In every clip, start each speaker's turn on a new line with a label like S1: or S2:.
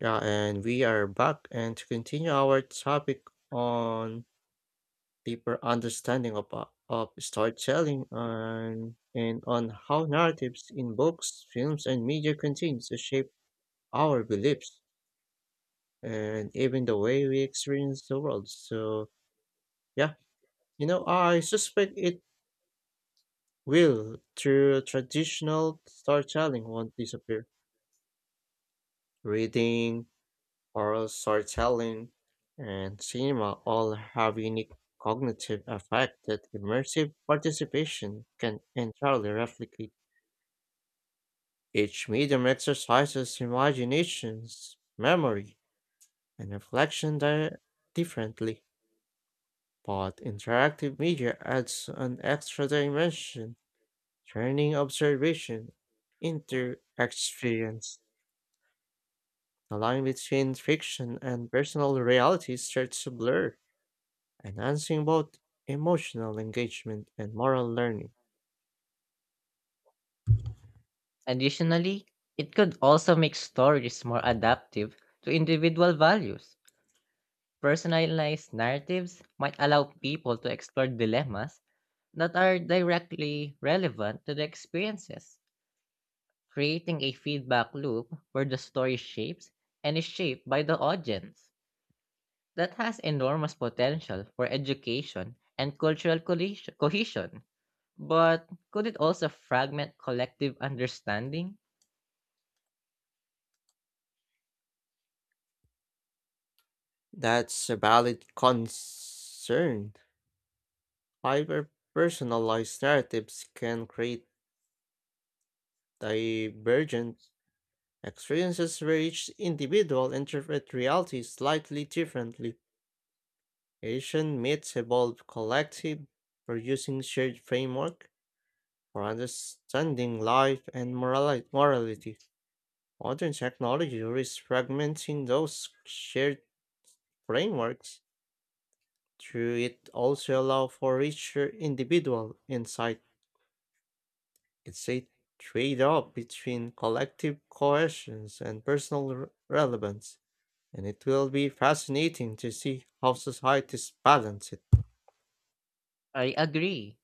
S1: Yeah, and we are back and to continue our topic on deeper understanding of storytelling and on how narratives in books, films, and media continue to shape our beliefs and even the way we experience the world. So, yeah, I suspect it will through traditional storytelling won't disappear. Reading, oral storytelling, and cinema all have unique cognitive effect that immersive participation can entirely replicate. Each medium exercises imaginations, memory, and reflection differently, but interactive media adds an extra dimension, turning observation into experience. The line between fiction and personal reality starts to blur, enhancing both emotional engagement and moral learning.
S2: Additionally, it could also make stories more adaptive to individual values. Personalized narratives might allow people to explore dilemmas that are directly relevant to their experiences, creating a feedback loop where the story shapes and is shaped by the audience. That has enormous potential for education and cultural cohesion. But could it also fragment collective understanding?
S1: That's a valid concern. Hyper personalized narratives can create divergent experiences where each individual interprets reality slightly differently. Asian myths evolve collective, producing shared framework for understanding life and morality. Modern technology is fragmenting those shared frameworks. True, it also allow for richer individual insight. It's a trade-off between collective cohesions and personal relevance, and it will be fascinating to see how societies balance it.
S2: I agree.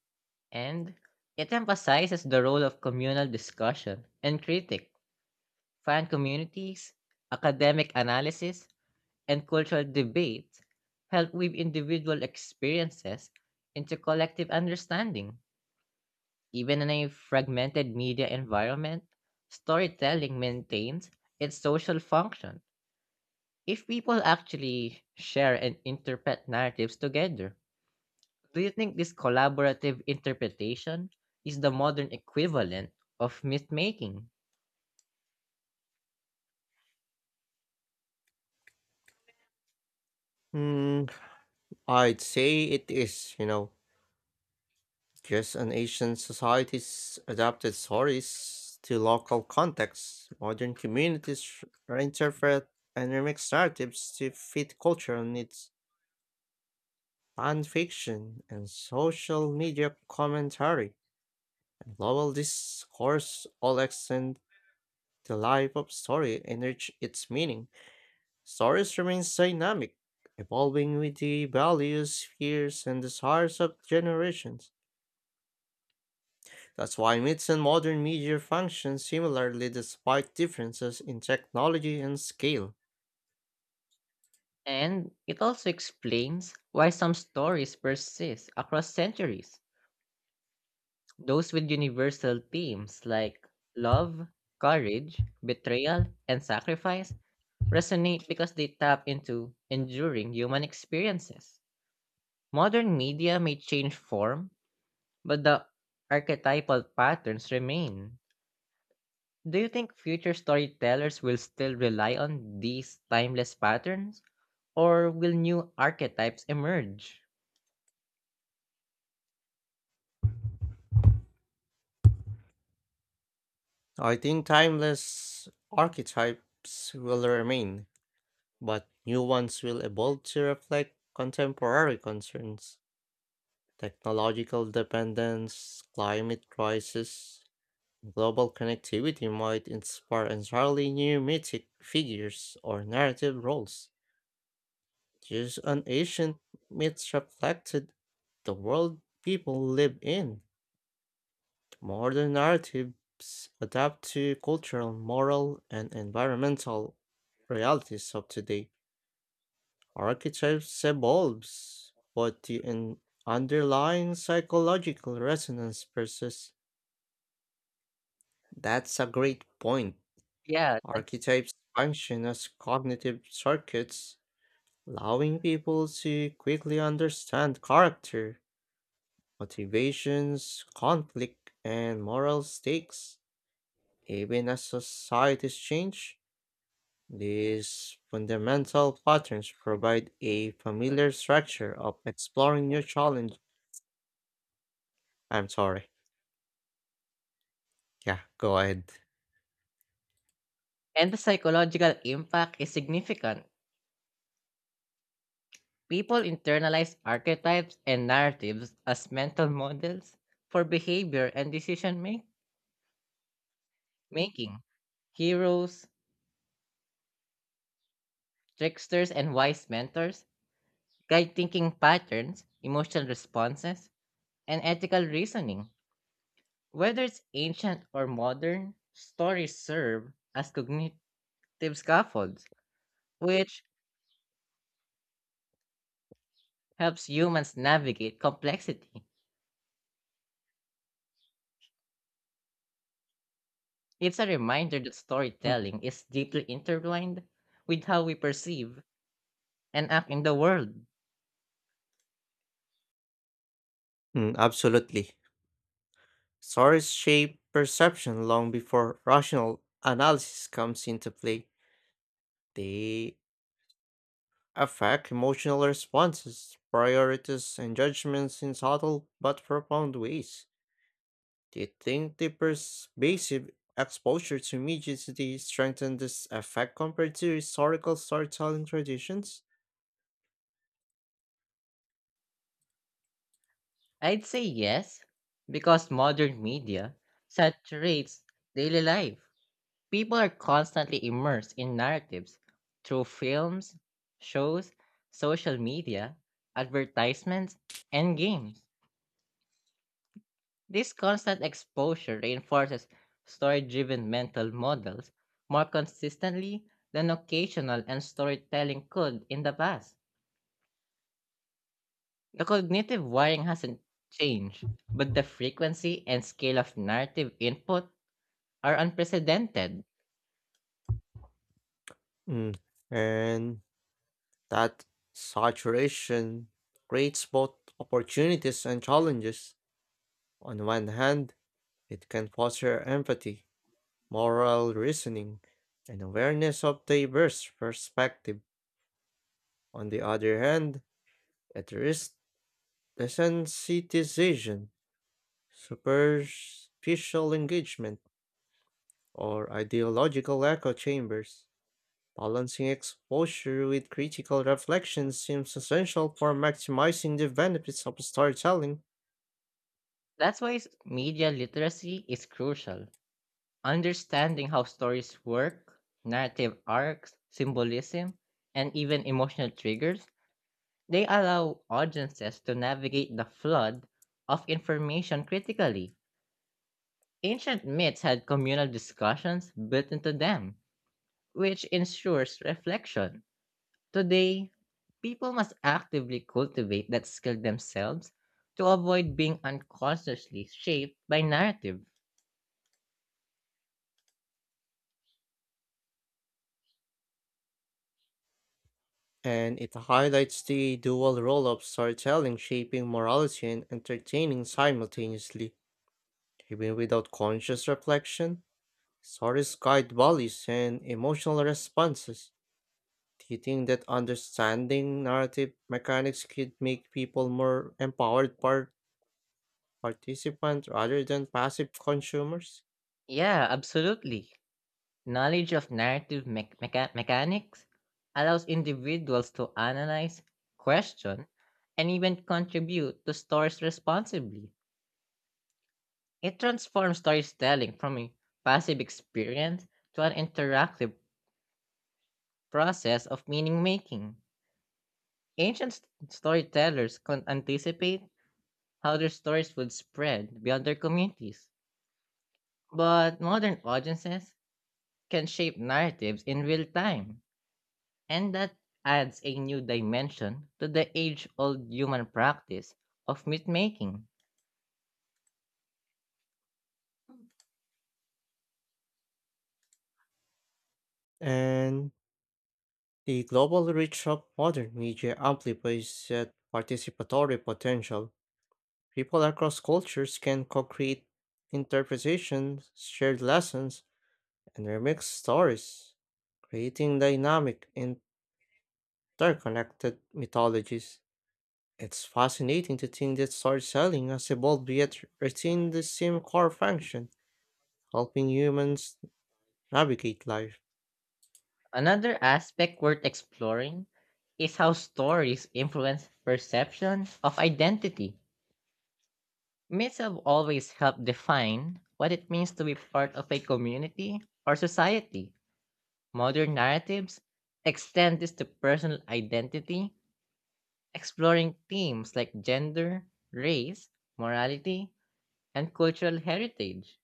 S2: And it emphasizes the role of communal discussion and critique, fan communities, academic analysis, and cultural debate help weave individual experiences into collective understanding. Even in a fragmented media environment, storytelling maintains its social function if people actually share and interpret narratives together. Do you think this collaborative interpretation is the modern equivalent of myth making?
S1: Hmm, I'd say it is, just an Asian societies adapted stories to local contexts. Modern communities reinterpret and remix narratives to fit cultural needs. Fan fiction, and social media commentary, and global discourse all extend the life of story and enrich its meaning. Stories remain dynamic, evolving with the values, fears, and desires of generations. That's why myths and modern media function similarly despite differences in technology and scale.
S2: And it also explains why some stories persist across centuries. Those with universal themes like love, courage, betrayal, and sacrifice resonate because they tap into enduring human experiences. Modern media may change form, but the archetypal patterns remain. Do you think future storytellers will still rely on these timeless patterns, or will new archetypes emerge?
S1: I think timeless archetypes will remain but new ones will evolve to reflect contemporary concerns, technological dependence, climate crisis, and global connectivity might inspire entirely new mythic figures or narrative roles. Just an ancient myths reflected the world people live in. Modern narratives adapt to cultural, moral, and environmental realities of today. Archetypes evolves, but the underlying psychological resonance persists. That's a great point.
S2: Yeah, that's
S1: Archetypes function as cognitive circuits, allowing people to quickly understand character, motivations, conflict, and moral stakes. Even as societies change, these fundamental patterns provide a familiar structure of exploring new challenge. I'm sorry. Yeah, go ahead.
S2: And the psychological impact is significant. People internalize archetypes and narratives as mental models for behavior and decision making. Heroes, tricksters, and wise mentors guide thinking patterns, emotional responses, and ethical reasoning. Whether it's ancient or modern, stories serve as cognitive scaffolds, which helps humans navigate complexity. It's a reminder that
S1: Mm.
S2: storytelling is deeply intertwined with how we perceive and act in the world.
S1: Mm, absolutely. Stories shape perception long before rational analysis comes into play. They affect emotional responses, priorities, and judgments in subtle but profound ways. Do you think the pervasive exposure to media today strengthened this effect compared to historical storytelling traditions?
S2: I'd say yes, because modern media saturates daily life. People are constantly immersed in narratives through films, shows, social media, advertisements, and games. This constant exposure reinforces story driven mental models more consistently than occasional and storytelling could in the past. The cognitive wiring hasn't changed, but the frequency and scale of narrative input are unprecedented.
S1: Mm. And That saturation creates both opportunities and challenges. On one hand, it can foster empathy, moral reasoning, and awareness of diverse perspective. On the other hand, it risks desensitization, superficial engagement, or ideological echo chambers. Balancing exposure with critical reflection seems essential for maximizing the benefits of storytelling.
S2: That's why media literacy is crucial. Understanding how stories work, narrative arcs, symbolism, and even emotional triggers. They allow audiences to navigate the flood of information critically. Ancient myths had communal discussions built into them, which ensures reflection. Today, people must actively cultivate that skill themselves to avoid being unconsciously shaped by narrative.
S1: And it highlights the dual role of storytelling shaping morality and entertaining simultaneously. Even without conscious reflection, stories guide values and emotional responses. Do you think that understanding narrative mechanics could make people more empowered participants rather than passive consumers?
S2: Yeah, absolutely. Knowledge of narrative mechanics allows individuals to analyze, question, and even contribute to stories responsibly. It transforms storytelling from a passive experience to an interactive process of meaning making. Ancient storytellers could anticipate how their stories would spread beyond their communities, but modern audiences can shape narratives in real time. And that adds a new dimension to the age old human practice of myth making.
S1: And the global reach of modern media amplifies that participatory potential. People across cultures can co create interpretations, shared lessons, and remix stories, creating dynamic, interconnected mythologies. It's fascinating to think that storytelling has evolved yet retained the same core function, helping humans navigate life.
S2: Another aspect worth exploring is how stories influence perception of identity. Myths have always helped define what it means to be part of a community or society. Modern narratives extend this to personal identity, exploring themes like gender, race, morality, and cultural heritage.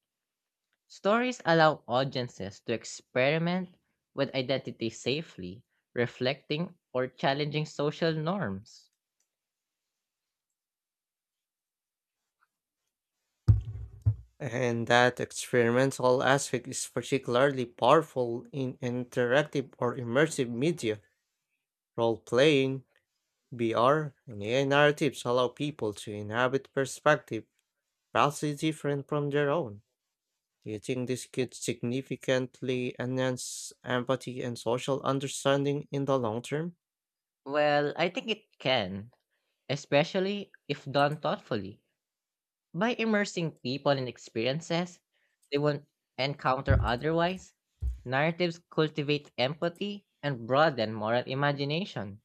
S2: Stories allow audiences to experiment with identity safely, reflecting or challenging social norms.
S1: And that experimental aspect is particularly powerful in interactive or immersive media, role playing, VR and AI narratives allow people to inhabit perspective vastly different from their own. Do you think this could significantly enhance empathy and social understanding in the long term?
S2: Well, I think it can, especially if done thoughtfully. By immersing people in experiences they won't encounter otherwise, narratives cultivate empathy and broaden moral imagination.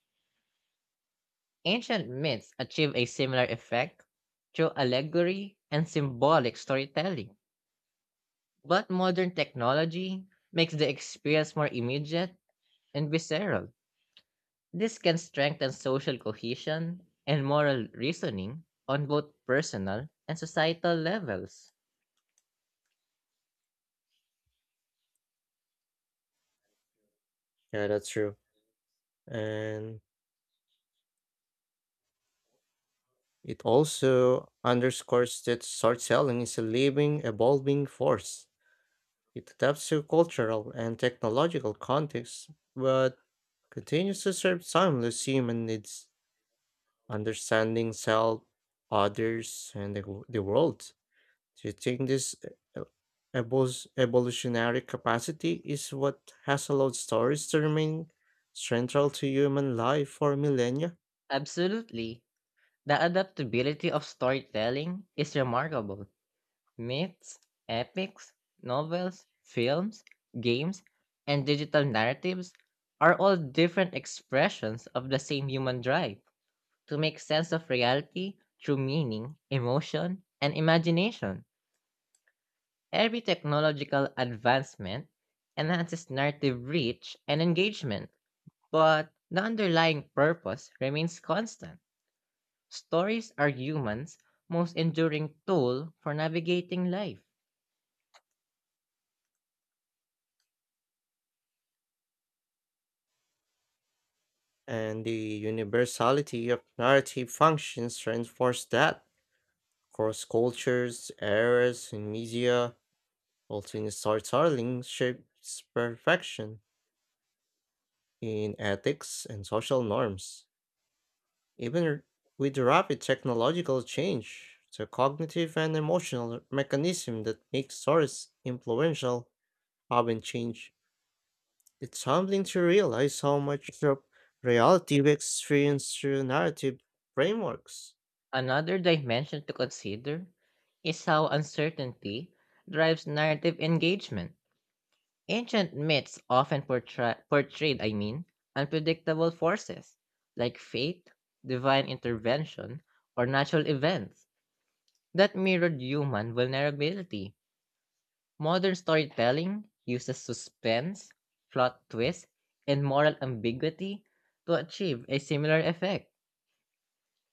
S2: Ancient myths achieve a similar effect through allegory and symbolic storytelling. But modern technology makes the experience more immediate and visceral. This can strengthen social cohesion and moral reasoning on both personal and societal levels.
S1: Yeah, that's true. And it also underscores that storytelling is a living, evolving force. It adapts to cultural and technological contexts, but continues to serve timeless human needs. Understanding self, others, and the world. Do you think this uh, evolutionary capacity is what has allowed stories to remain central to human life for millennia?
S2: Absolutely. The adaptability of storytelling is remarkable. Myths, epics, novels, films, games, and digital narratives are all different expressions of the same human drive to make sense of reality through meaning, emotion, and imagination. Every technological advancement enhances narrative reach and engagement, but the underlying purpose remains constant. Stories are humans' most enduring tool for navigating life.
S1: And the universality of narrative functions reinforce that. Across cultures, eras, and media, also in storytelling shapes perfection in ethics and social norms. Even r- with rapid technological change, the cognitive and emotional mechanism that makes stories influential haven't changed. It's humbling to realize how much of reality we experience through narrative frameworks.
S2: Another dimension to consider is how uncertainty drives narrative engagement. Ancient myths often portrayed, I mean, unpredictable forces like fate, divine intervention, or natural events that mirrored human vulnerability. Modern storytelling uses suspense, plot twists, and moral ambiguity to achieve a similar effect.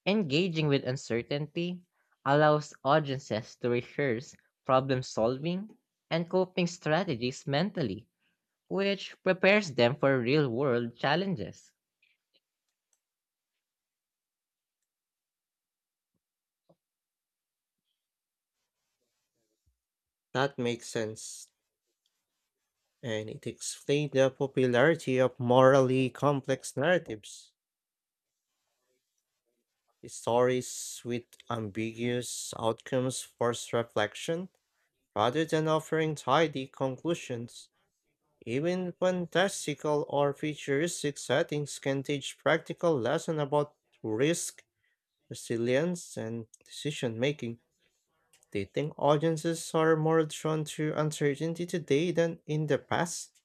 S2: Engaging with uncertainty allows audiences to rehearse problem solving and coping strategies mentally, which prepares them for real world challenges.
S1: That makes sense, and it explains the popularity of morally complex narratives. Stories with ambiguous outcomes force reflection rather than offering tidy conclusions. Even fantastical or futuristic settings can teach practical lessons about risk, resilience, and decision making. Do you think audiences are more drawn to uncertainty today than in the past,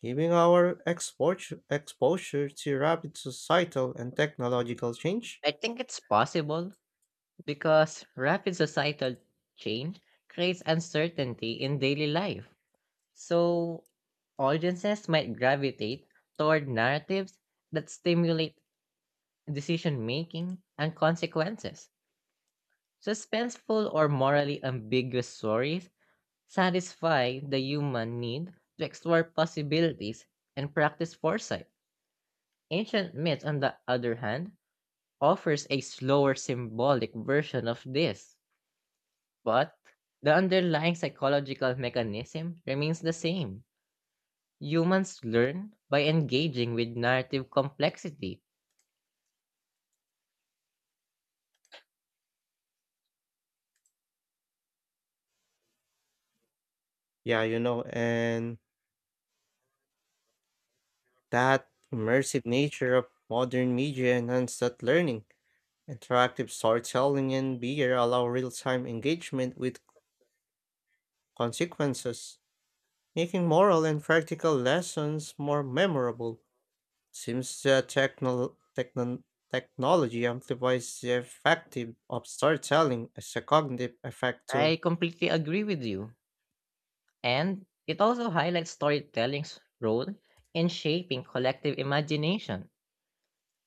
S1: given our exposure to rapid societal and technological change?
S2: I think it's possible because rapid societal change creates uncertainty in daily life. So, audiences might gravitate toward narratives that stimulate decision making and consequences. Suspenseful or morally ambiguous stories satisfy the human need to explore possibilities and practice foresight. Ancient myths, on the other hand, offers a slower symbolic version of this, but the underlying psychological mechanism remains the same. Humans learn by engaging with narrative complexity.
S1: Yeah, and that immersive nature of modern media enhances that learning. Interactive storytelling and beer allow real time engagement with consequences, making moral and practical lessons more memorable. Since the technology amplifies the effect of storytelling as a cognitive effect tool,
S2: I completely agree with you. And it also highlights storytelling's role in shaping collective imagination.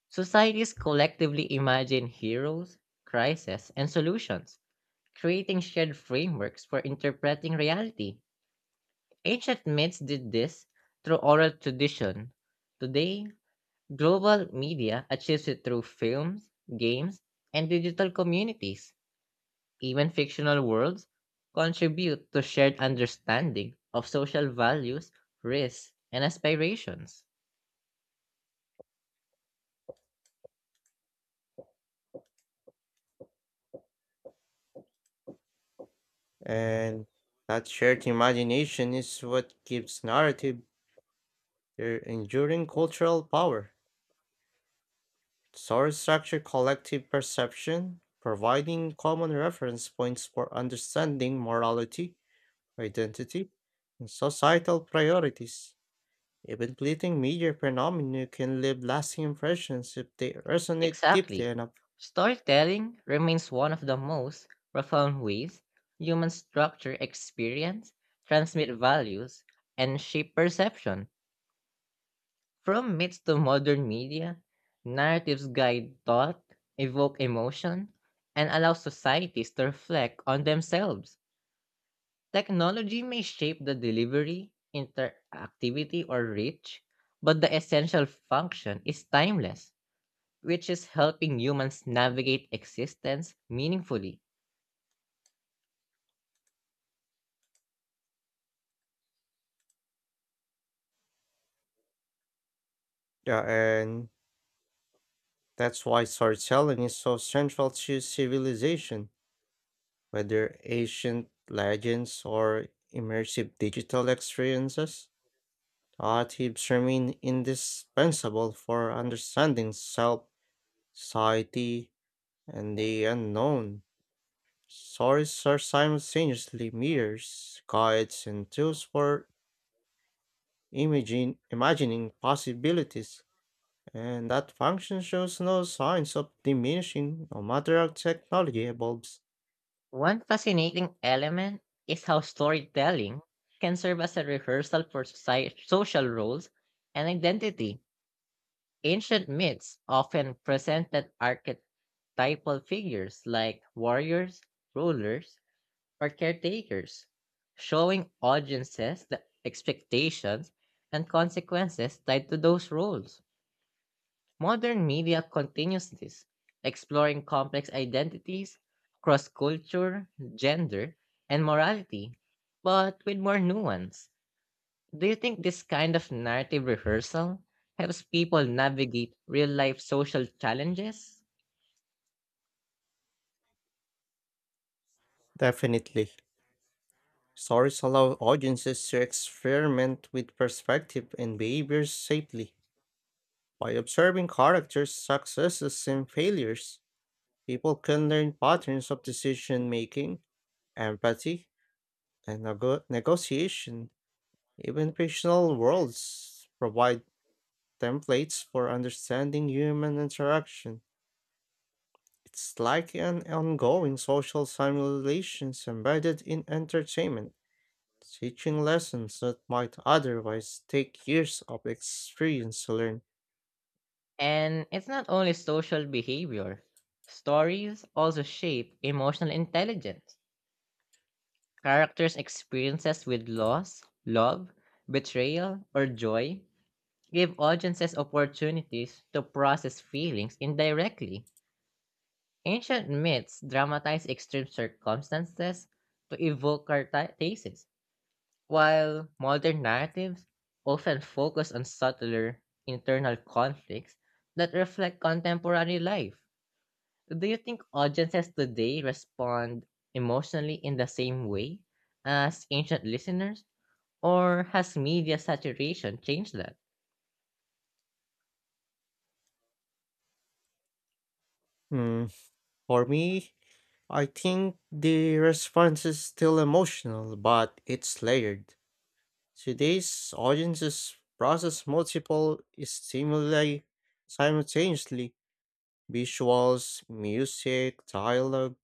S2: Societies collectively imagine heroes, crises, and solutions, creating shared frameworks for interpreting reality. Ancient myths did this through oral tradition. Today, global media achieves it through films, games, and digital communities. Even fictional worlds contribute to shared understanding of social values, risks, and aspirations.
S1: and that shared imagination is what gives narrative their enduring cultural power. Stories structure collective perception, providing common reference points for understanding morality, identity, and societal priorities. Even fleeting media phenomena can leave lasting impressions if they resonate deeply
S2: Exactly.
S1: enough.
S2: Storytelling remains one of the most profound ways humans structure experience, transmit values, and shape perception. From myths to modern media, narratives guide thought, evoke emotion, and allow societies to reflect on themselves. Technology may shape the delivery, interactivity, or reach, but the essential function is timeless, which is helping humans navigate existence meaningfully.
S1: Yeah, and that's why storytelling is so central to civilization, whether ancient legends or immersive digital experiences. Narratives remain indispensable for understanding self, society, and the unknown. Stories are simultaneously mirrors, guides, and tools for imagining possibilities, and that function shows no signs of diminishing no matter how technology evolves.
S2: One fascinating element is how storytelling can serve as a rehearsal for social roles and identity. Ancient myths often presented archetypal figures like warriors, rulers, or caretakers, showing audiences the expectations and consequences tied to those roles. Modern media continues this, exploring complex identities across culture, gender, and morality, but with more nuance. Do you think this kind of narrative rehearsal helps people navigate real life social challenges?
S1: Definitely. Stories allow audiences to experiment with perspective and behaviors safely. By observing characters' successes and failures, people can learn patterns of decision making, empathy, and negotiation. Even fictional worlds provide templates for understanding human interaction. It's like an ongoing social simulations embedded in entertainment, teaching lessons that might otherwise take years of experience to learn.
S2: And it's not only social behavior, stories also shape emotional intelligence. Characters' experiences with loss, love, betrayal, or joy give audiences opportunities to process feelings indirectly. Ancient myths dramatize extreme circumstances to evoke catharsis. While modern narratives often focus on subtler internal conflicts that reflect contemporary life, do you think audiences today respond emotionally in the same way as ancient listeners, or has media saturation changed that?
S1: Hmm, For me, I think the response is still emotional, but it's layered. Today's audiences process multiple stimuli simultaneously visuals, music, dialogue,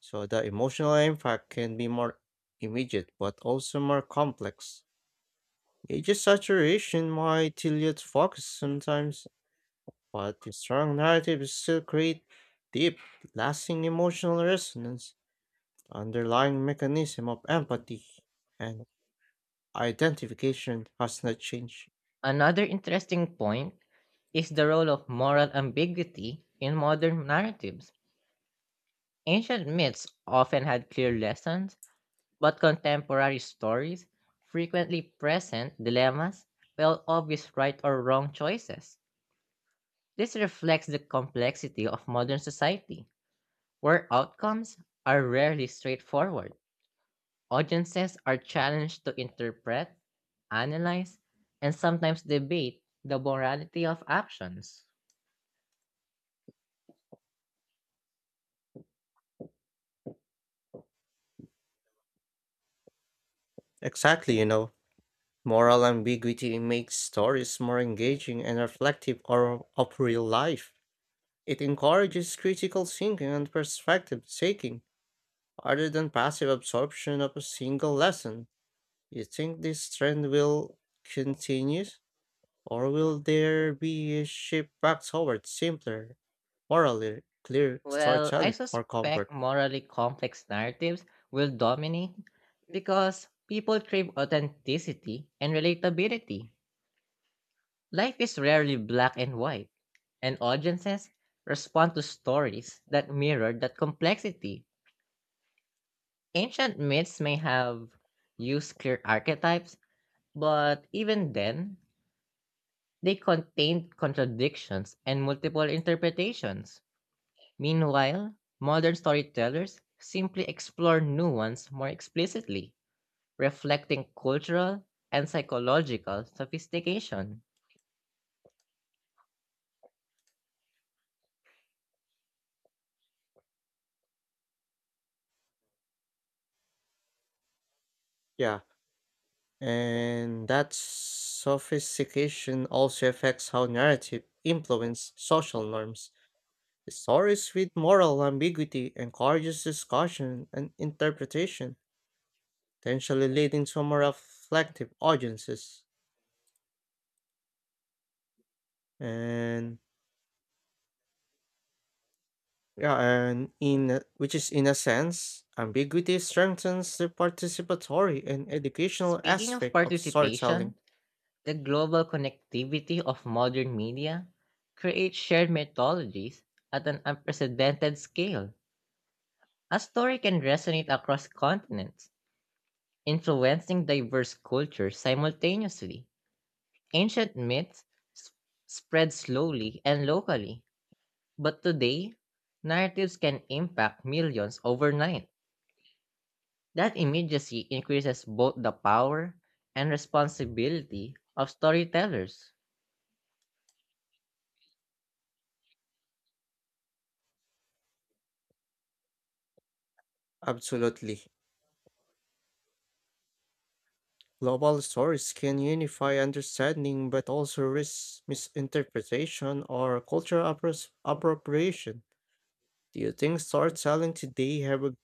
S1: so the emotional impact can be more immediate but also more complex. Media saturation might dilute focus sometimes, but the strong narratives still create deep, lasting emotional resonance. Underlying mechanism of empathy and identification has not changed.
S2: Another interesting point is the role of moral ambiguity in modern narratives. Ancient myths often had clear lessons. But contemporary stories frequently present dilemmas, well, obvious right or wrong choices. This reflects the complexity of modern society, where outcomes are rarely straightforward. Audiences are challenged to interpret, analyze, and sometimes debate the morality of actions.
S1: Exactly, moral ambiguity makes stories more engaging and reflective or of real life. It encourages critical thinking and perspective taking, rather than passive absorption of a single lesson. You think this trend will continue, or will there be a shift back toward simpler, morally clear
S2: Well, I
S1: storytelling for
S2: suspect
S1: comfort?
S2: morally complex narratives will dominate because people crave authenticity and relatability. Life is rarely black and white, and audiences respond to stories that mirror that complexity. Ancient myths may have used clear archetypes, but even then, they contained contradictions and multiple interpretations. Meanwhile, modern storytellers simply explore nuance more explicitly, reflecting cultural and psychological sophistication.
S1: Yeah, and that sophistication also affects how narrative influence social norms. Stories with moral ambiguity encourages discussion and interpretation, potentially leading to more reflective audiences. And yeah, and which is in a sense, ambiguity strengthens the participatory and educational
S2: Speaking of
S1: aspect of storytelling.
S2: participation, the global connectivity of modern media creates shared mythologies at an unprecedented scale. A story can resonate across continents, influencing diverse cultures simultaneously. Ancient myths s- spread slowly and locally, but today, narratives can impact millions overnight. That immediacy increases both the power and responsibility of storytellers.
S1: Absolutely. Global stories can unify understanding but also risk misinterpretation or cultural appropriation. Do you think storytelling today have a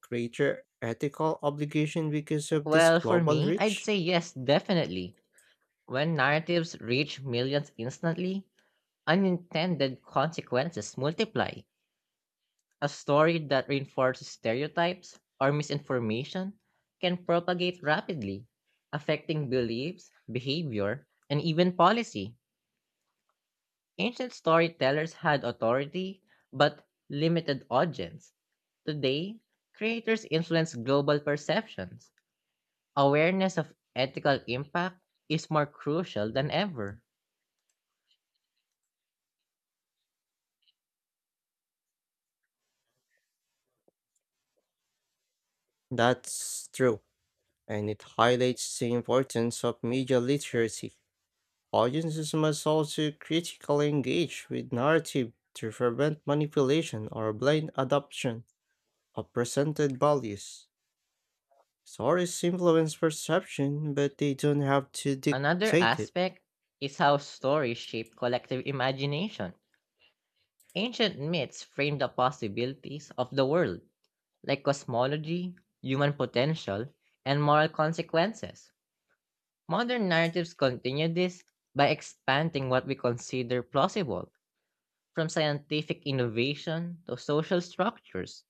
S1: greater ethical obligation because of this
S2: Well, for
S1: global
S2: me, I'd
S1: reach?
S2: say yes, definitely. When narratives reach millions instantly, unintended consequences multiply. A story that reinforces stereotypes or misinformation can propagate rapidly, affecting beliefs, behavior, and even policy. Ancient storytellers had authority but limited audience. Today, creators influence global perceptions. Awareness of ethical impact is more crucial than ever.
S1: That's true, and it highlights the importance of media literacy. Audiences must also critically engage with narrative to prevent manipulation or blind adoption of presented values. Stories influence perception, but they don't have to
S2: Another
S1: dictate it.
S2: aspect is how stories shape collective imagination. Ancient myths frame the possibilities of the world, like cosmology, human potential, and moral consequences. Modern narratives continue this by expanding what we consider plausible, from scientific innovation to social structures.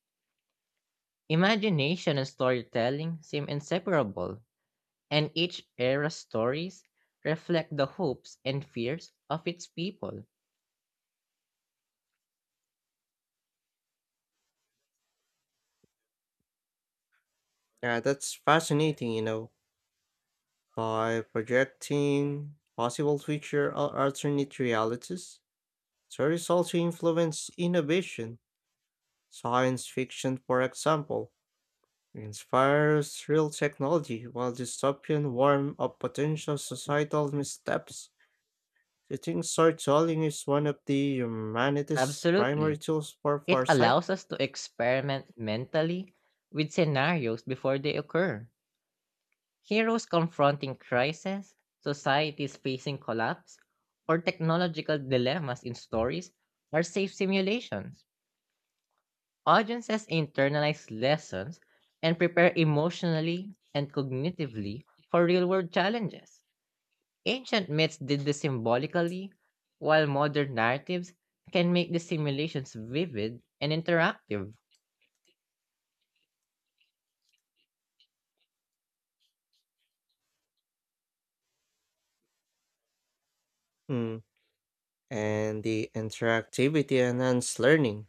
S2: Imagination and storytelling seem inseparable and each era's stories reflect the hopes and fears of its people.
S1: Yeah, that's fascinating, By projecting possible future or alternate realities, stories also influence innovation. Science fiction, for example, inspires real technology, while dystopian warm up potential societal missteps. Do you think storytelling is one of the humanity's primary
S2: Absolutely.
S1: tools for
S2: It
S1: foresight?
S2: allows us to experiment mentally with scenarios before they occur. Heroes confronting crisis, societies facing collapse, or technological dilemmas in stories are safe simulations. Audiences internalize lessons and prepare emotionally and cognitively for real world challenges. Ancient myths did this symbolically, while modern narratives can make the simulations vivid and interactive.
S1: Hmm. And the interactivity enhanced learning.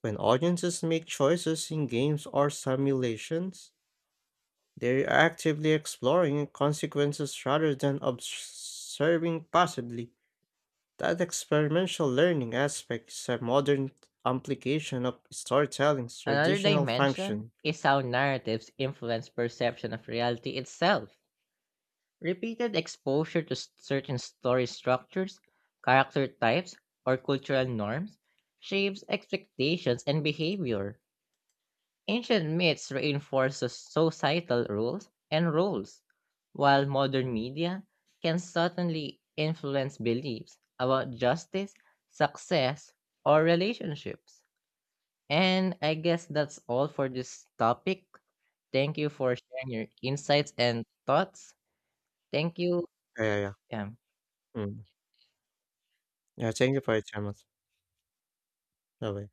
S1: When audiences make choices in games or simulations, they're actively exploring consequences rather than observing passively. That experimental learning aspect is a modern application of storytelling's
S2: Another
S1: traditional
S2: dimension
S1: function.
S2: is how narratives influence perception of reality itself. Repeated exposure to certain story structures, character types, or cultural norms shapes expectations and behavior. Ancient myths reinforce societal rules and roles, while modern media can certainly influence beliefs about justice, success, or relationships. And I guess that's all for this topic. Thank you for sharing your insights and thoughts. Thank you.
S1: Yeah, yeah, yeah.
S2: Yeah.
S1: Mm. Yeah, thank you for your time. Bye bye.